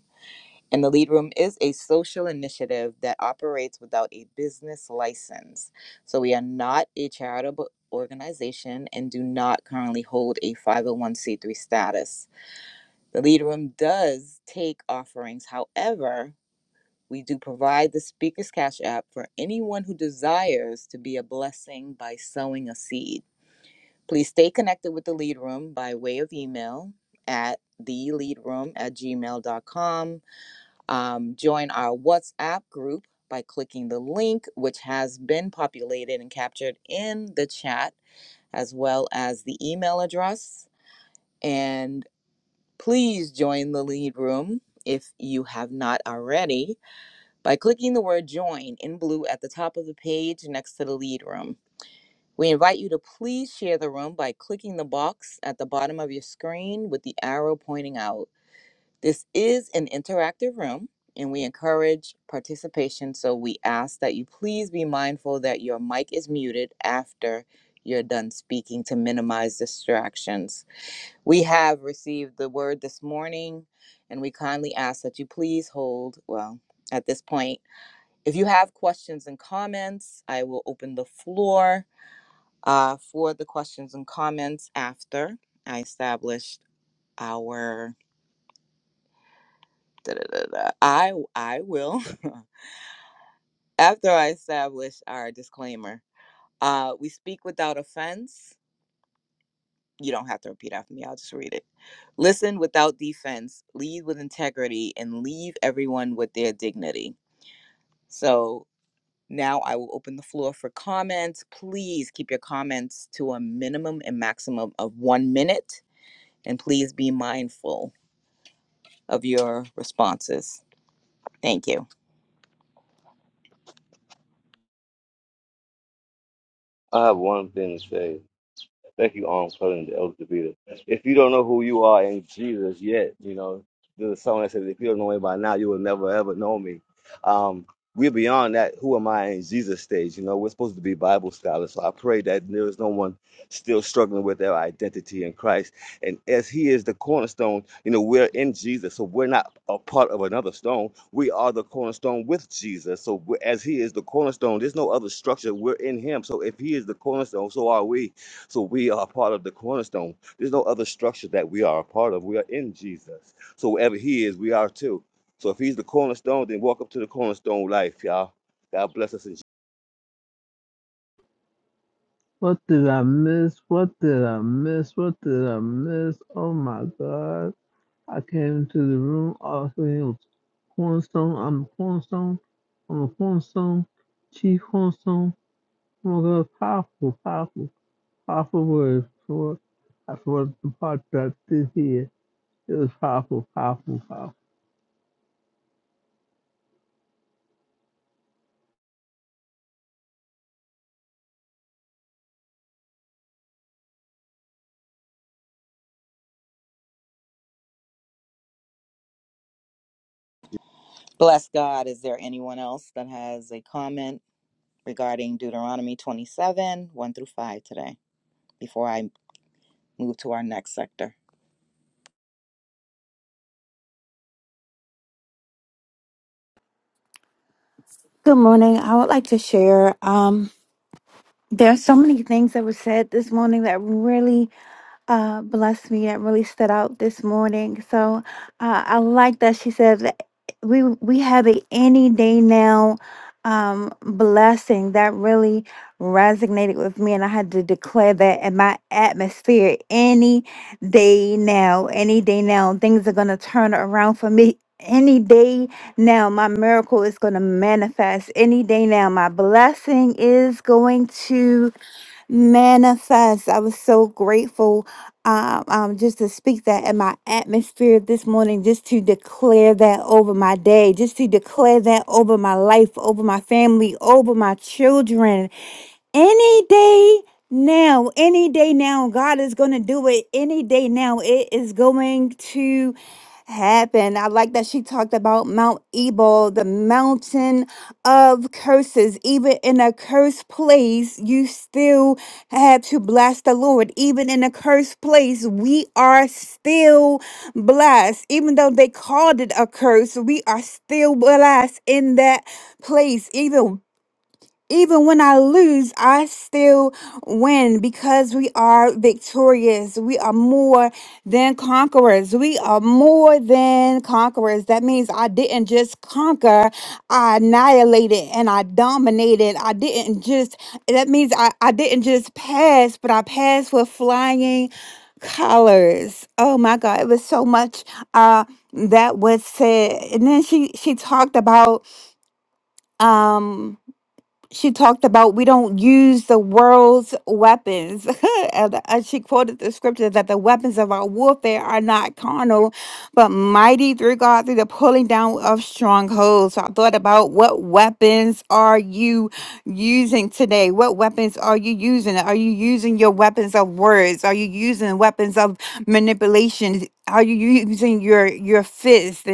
And the lead room is a social initiative that operates without a business license. So we are not a charitable organization and do not currently hold a 501c3 status. The lead room does take offerings. However, we do provide the Speaker's Cash app for anyone who desires to be a blessing by sowing a seed. Please stay connected with the lead room by way of email at theleadroom at gmail.com. Um, join our WhatsApp group by clicking the link, which has been populated and captured in the chat, as well as the email address. and. Please join the lead room if you have not already by clicking the word join in blue at the top of the page next to the lead room. We invite you to please share the room by clicking the box at the bottom of your screen with the arrow pointing out. This is an interactive room and we encourage participation, so we ask that you please be mindful that your mic is muted after you're done speaking to minimize distractions. We have received the word this morning, and we kindly ask that you please hold, well, at this point. If you have questions and comments, I will open the floor uh, for the questions and comments after I established our. Da, da, da, da. I I will after I establish our disclaimer. Uh, we speak without offense. You don't have to repeat after me. I'll just read it. Listen without defense, lead with integrity, and leave everyone with their dignity. So now I will open the floor for comments. Please keep your comments to a minimum and maximum of one minute, and please be mindful of your responses. Thank you. I have one thing to say. Thank you, Arms President El Davita. If you don't know who you are in Jesus yet, you know, there's someone that says, if you don't know me by now, you will never ever know me. Um, we're beyond that who am I in Jesus stage. You know, we're supposed to be Bible scholars. So I pray that there is no one still struggling with their identity in Christ. And as He is the cornerstone, you know, we're in Jesus. So we're not a part of another stone. We are the cornerstone with Jesus. So we as He is the cornerstone, there's no other structure. We're in Him. So if He is the cornerstone, so are we so we are part of the cornerstone. There's no other structure that we are a part of. We are in Jesus. So wherever He is, we are too. So if He's the cornerstone, then walk up to the cornerstone life, y'all. God bless us. In Jesus. What did I miss? What did I miss? What did I miss? Oh my god. I came to the room all saying cornstone, I'm a cornstone, I'm a cornstone, chief cornstone. Oh my god, powerful, powerful, powerful word for I forgot the part that I did here. It was powerful, powerful, powerful. Bless God. Is there anyone else that has a comment? regarding Deuteronomy 27 1 through 5 today before I move to our next sector. Good morning. I would like to share. Um, there are so many things that were said this morning that really uh, blessed me that really stood out this morning. So uh, I like that she said that we we have a any day now um, blessing that really resonated with me, and I had to declare that in my atmosphere. Any day now, any day now, things are gonna turn around for me. Any day now, my miracle is going to manifest. Any day now, my blessing is going to manifest. I was so grateful um, um, just to speak that in my atmosphere this morning, just to declare that over my day, just to declare that over my life, over my family, over my children. Any day now, any day now, God is going to do it. Any day now, it is going to happen. I like that she talked about Mount Ebal, the mountain of curses. Even in a cursed place, you still have to bless the Lord. Even in a cursed place, we are still blessed. Even though they called it a curse, we are still blessed in that place. Even even when I lose, I still win because we are victorious. We are more than conquerors. We are more than conquerors. That means I didn't just conquer, I annihilated and I dominated. I didn't just, that means I, I didn't just pass, but I passed with flying colors. Oh my God, it was so much uh, that was said. And then she, she talked about. Um, she talked about we don't use the world's weapons. and uh, she quoted the scripture that the weapons of our warfare are not carnal, but mighty through God through the pulling down of strongholds. So I thought about what weapons are you using today? What weapons are you using? Are you using your weapons of words? Are you using weapons of manipulation? Are you using your your fist?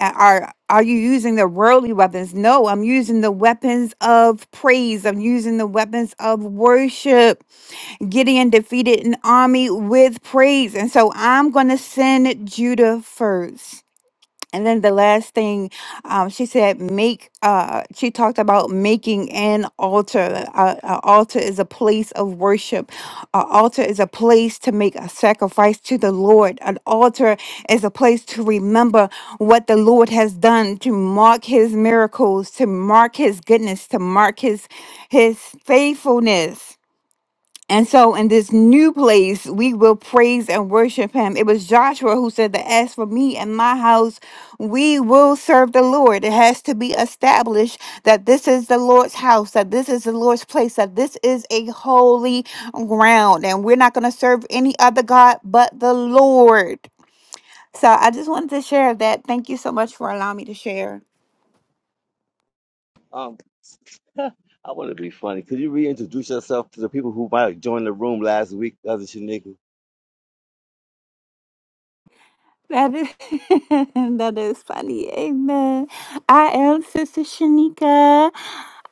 A- Are are you using the worldly weapons? No, I'm using the weapons of praise. I'm using the weapons of worship. Gideon defeated an army with praise. And so I'm going to send Judah first. And then the last thing, um, she said, make. Uh, she talked about making an altar. Uh, an altar is a place of worship. An altar is a place to make a sacrifice to the Lord. An altar is a place to remember what the Lord has done, to mark His miracles, to mark His goodness, to mark His His faithfulness. And so in this new place, we will praise and worship him. It was Joshua who said that as for me and my house, we will serve the Lord. It has to be established that this is the Lord's house, that this is the Lord's place, that this is a holy ground. And we're not going to serve any other God but the Lord. So I just wanted to share that. Thank you so much for allowing me to share. Um, I want to be funny. Could you reintroduce yourself to the people who might have joined the room last week, cousin Shanika? That is that is funny. Amen. I am Sister Shanika.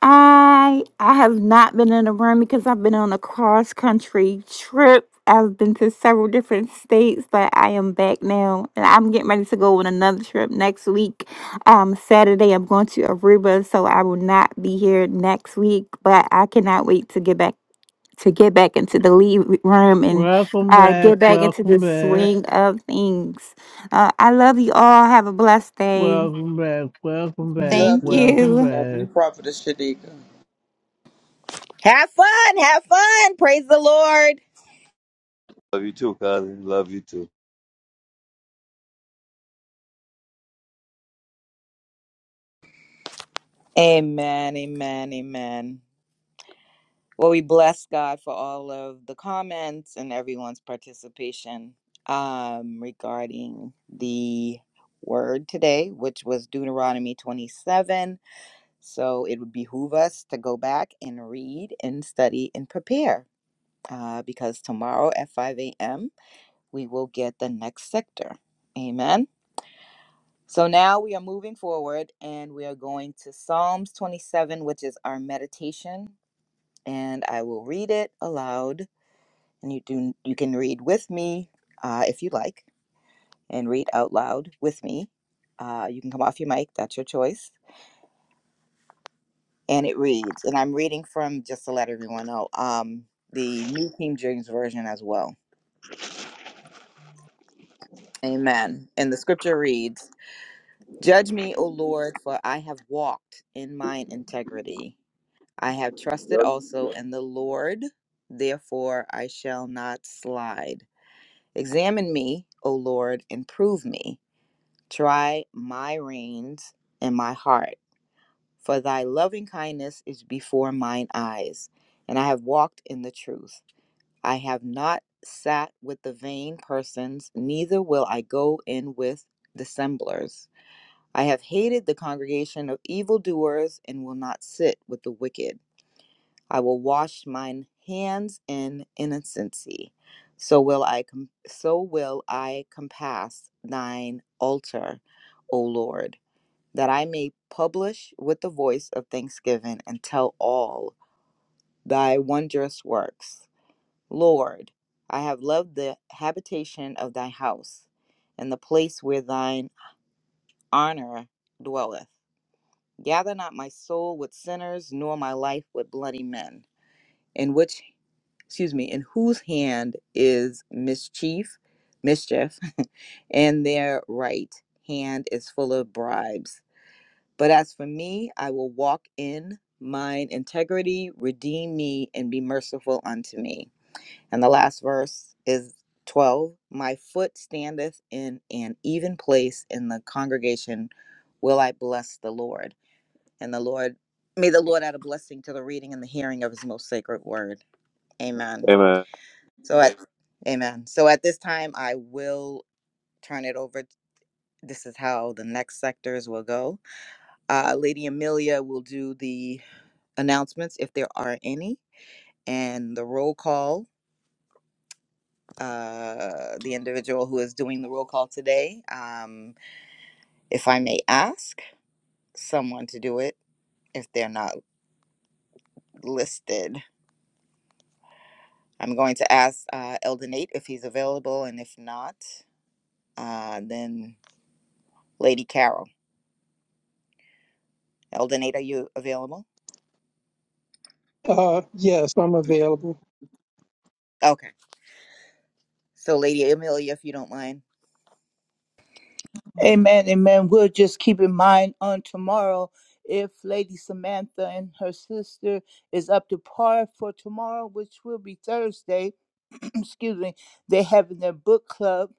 I I have not been in a room because I've been on a cross country trip. I've been to several different states, but I am back now, and I'm getting ready to go on another trip next week. Um, Saturday I'm going to Aruba, so I will not be here next week. But I cannot wait to get back to get back into the lead room and Welcome uh, back, get back into the welcome back, swing of things. Uh, I love you all. Have a blessed day. welcome back, welcome back, Love Thank you. welcome you. Love back. you, Prophetess Shadika. Have fun. Have fun. Praise the Lord. Love you too, cousin. Love you too. Amen. Amen. Amen. Well, we bless God for all of the comments and everyone's participation um, regarding the word today, which was Deuteronomy 27. So it would behoove us to go back and read and study and prepare uh, because tomorrow at 5 a.m., we will get the next sector. Amen. So now we are moving forward and we are going to Psalms 27, which is our meditation. And I will read it aloud and you do you can read with me uh, if you like and read out loud with me uh, you can come off your mic that's your choice and it reads and i'm reading from just to let everyone know um, the new king james version as well amen and the scripture reads judge me o lord for i have walked in mine integrity i have trusted Yep. also in the lord therefore i shall not slide examine me o lord and prove me Try my reins and my heart, for thy loving kindness is before mine eyes, and I have walked in the truth. I have not sat with the vain persons, neither will I go in with dissemblers. I have hated the congregation of evildoers, and will not sit with the wicked. I will wash mine hands in innocency. So will I, com- so will I compass thine altar, O Lord that I may publish with the voice of thanksgiving and tell all thy wondrous works. Lord, I have loved the habitation of thy house and the place where thine honor dwelleth. Gather not my soul with sinners, nor my life with bloody men, in which excuse me, in whose hand is mischief, mischief, and their right hand is full of bribes. But as for me, I will walk in mine integrity, redeem me, and be merciful unto me. And the last verse is 12 My foot standeth in an even place in the congregation, will I bless the Lord. And the Lord, may the Lord add a blessing to the reading and the hearing of his most sacred word. Amen. Amen. So at, amen. So at this time, I will turn it over. This is how the next sectors will go. Uh, Lady Amelia will do the announcements, if there are any, and the roll call. Uh, the individual who is doing the roll call today, um, if I may ask someone to do it, if they're not listed, I'm going to ask uh, Elden Nate if he's available, and if not, uh, then Lady Carol. Elden Nate, are you available? Uh, yes, I'm available. Okay. So, Lady Amelia, if you don't mind. Amen, amen. We'll just keep in mind on tomorrow if Lady Samantha and her sister is up to par for tomorrow, which will be Thursday. excuse me. They have in their book club,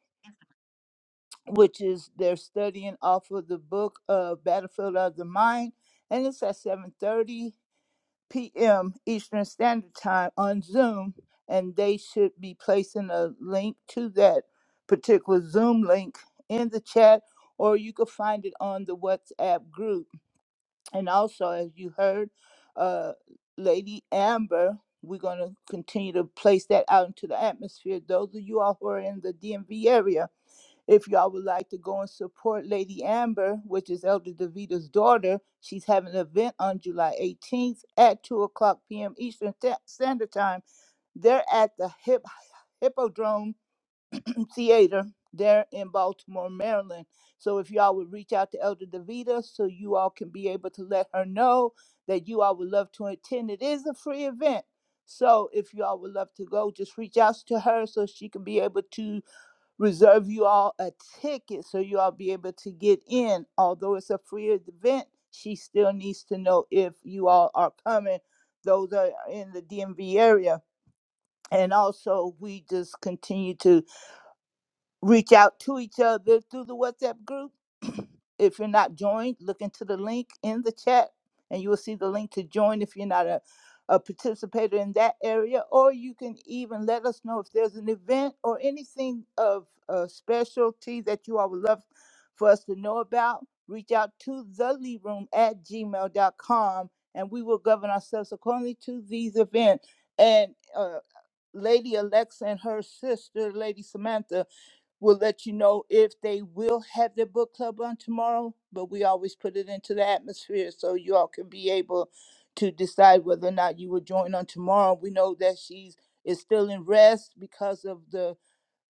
which is they're studying off of the book of Battlefield of the Mind, and it's at seven thirty. p.m. Eastern Standard Time on Zoom, and they should be placing a link to that particular Zoom link in the chat, or you could find it on the WhatsApp group. And also, as you heard, uh, Lady Amber, we're going to continue to place that out into the atmosphere. Those of you all who are in the DMV area, if y'all would like to go and support Lady Amber, which is Elder Davita's daughter, she's having an event on July 18th at 2 o'clock p.m. Eastern Sta- Standard Time. They're at the Hip- Hippodrome Theater there in Baltimore, Maryland. So if y'all would reach out to Elder Davita so you all can be able to let her know that you all would love to attend. It is a free event. So if y'all would love to go, just reach out to her so she can be able to reserve you all a ticket so you all be able to get in. Although it's a free event, she still needs to know if you all are coming. Those are in the DMV area. And also, we just continue to reach out to each other through the WhatsApp group. if you're not joined, look into the link in the chat and you will see the link to join if you're not a, a participator in that area. Or you can even let us know if there's an event or anything of uh, specialty that you all would love for us to know about. Reach out to theleadroom at gmail dot com, and we will govern ourselves accordingly to these events. And uh, Lady Alexa and her sister, Lady Samantha, We'll let you know if they will have their book club on tomorrow, but we always put it into the atmosphere so you all can be able to decide whether or not you will join on tomorrow. We know that she's is still in rest because of the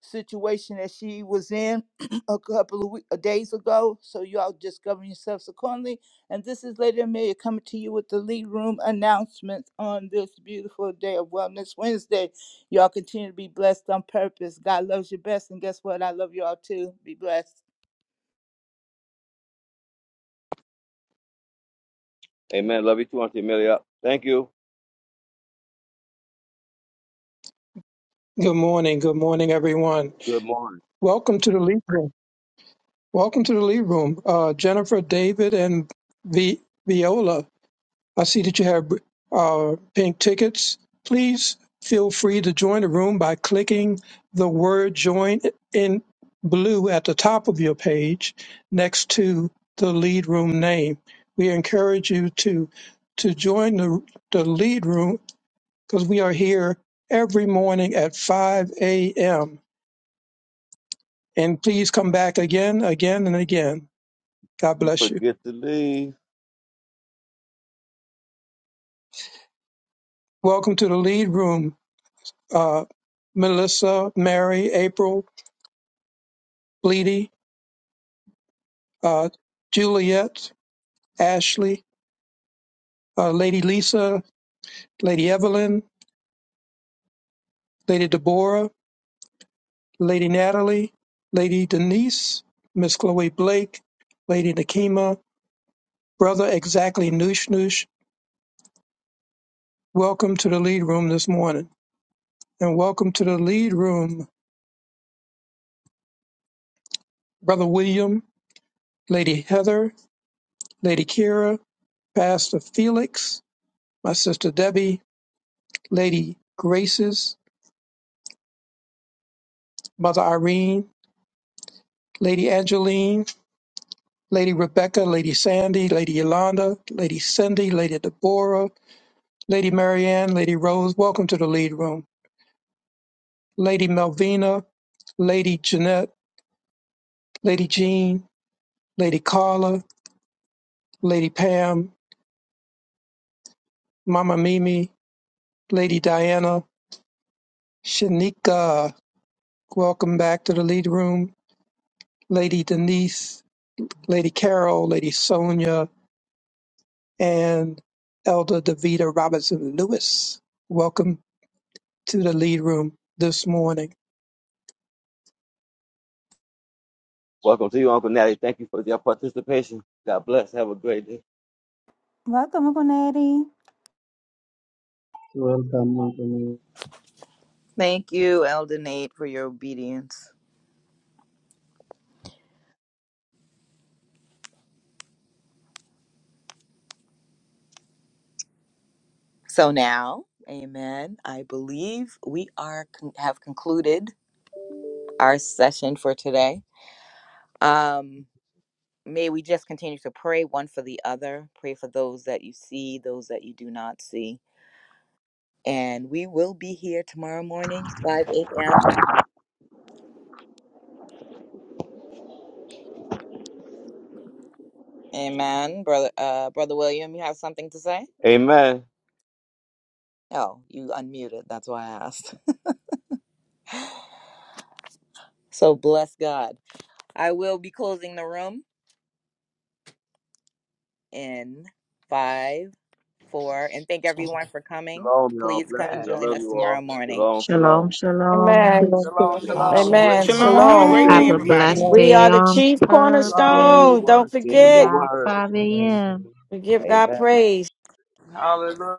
situation that she was in a couple of week, uh, days ago. So y'all just govern yourselves accordingly. And this is Lady Amelia coming to you with the lead room announcements on this beautiful day of Wellness Wednesday. Y'all continue to be blessed on purpose. God loves you best. And guess what? I love y'all too. Be blessed. Amen. Love you too, Auntie Amelia. Thank you. Good morning. Good morning, everyone. Good morning. Welcome to the Leap Room. Welcome to the lead room, uh, Jennifer, David, and Vi- Viola. I see that you have uh, pink tickets. Please feel free to join the room by clicking the word join in blue at the top of your page next to the lead room name. We encourage you to to join the, the lead room because we are here every morning at 5 a.m. And please come back again, again, and again. God You bless you. forget to leave. Welcome to the lead room, uh, Melissa, Mary, April, Bleedy, uh, Juliet, Ashley, uh, Lady Lisa, Lady Evelyn, Lady Deborah, Lady Natalie, Lady Denise, Miss Chloe Blake, Lady Nakima, Brother Exactly Noosh Noosh. Welcome to the lead room this morning. And welcome to the lead room, Brother William, Lady Heather, Lady Kira, Pastor Felix, my sister Debbie, Lady Graces, Mother Irene, Lady Angeline, Lady Rebecca, Lady Sandy, Lady Yolanda, Lady Cindy, Lady Deborah, Lady Marianne, Lady Rose, welcome to the lead room. Lady Melvina, Lady Jeanette, Lady Jean, Lady Carla, Lady Pam, Mama Mimi, Lady Diana, Shanika, welcome back to the lead room. Lady Denise, Lady Carol, Lady Sonia, and Elder Davita Robinson Lewis. Welcome to the lead room this morning. Welcome to you, Uncle Natty. Thank you for your participation. God bless. Have a great day. Welcome, Uncle Natty. Welcome, to Thank you, Elden Nate, for your obedience. So now, amen. I believe we are con- have concluded our session for today. Um, may we just continue to pray one for the other, pray for those that you see, those that you do not see. And we will be here tomorrow morning, 5 a.m. Amen. Brother uh brother William, you have something to say? Amen. Oh, you unmuted. That's why I asked. so bless God. I will be closing the room. in five, four, and thank everyone for coming. Shalom, y'all. Please come and Amen. Blessings. I join love us you all. tomorrow morning. Shalom, shalom. Shalom, shalom. Amen. Love Shalom, you all. Shalom, Have shalom, a great Amen. one shalom. Shalom. this Have a Shalom. great Wednesday. day, Have a Shalom. everybody. blessed We day Shalom, are the on chief Stay shalom. in purpose. your cornerstone. Don't word. Stay in Be your forget, out word. 5 shalom, a.m. we give Amen. God praise. Hallelujah.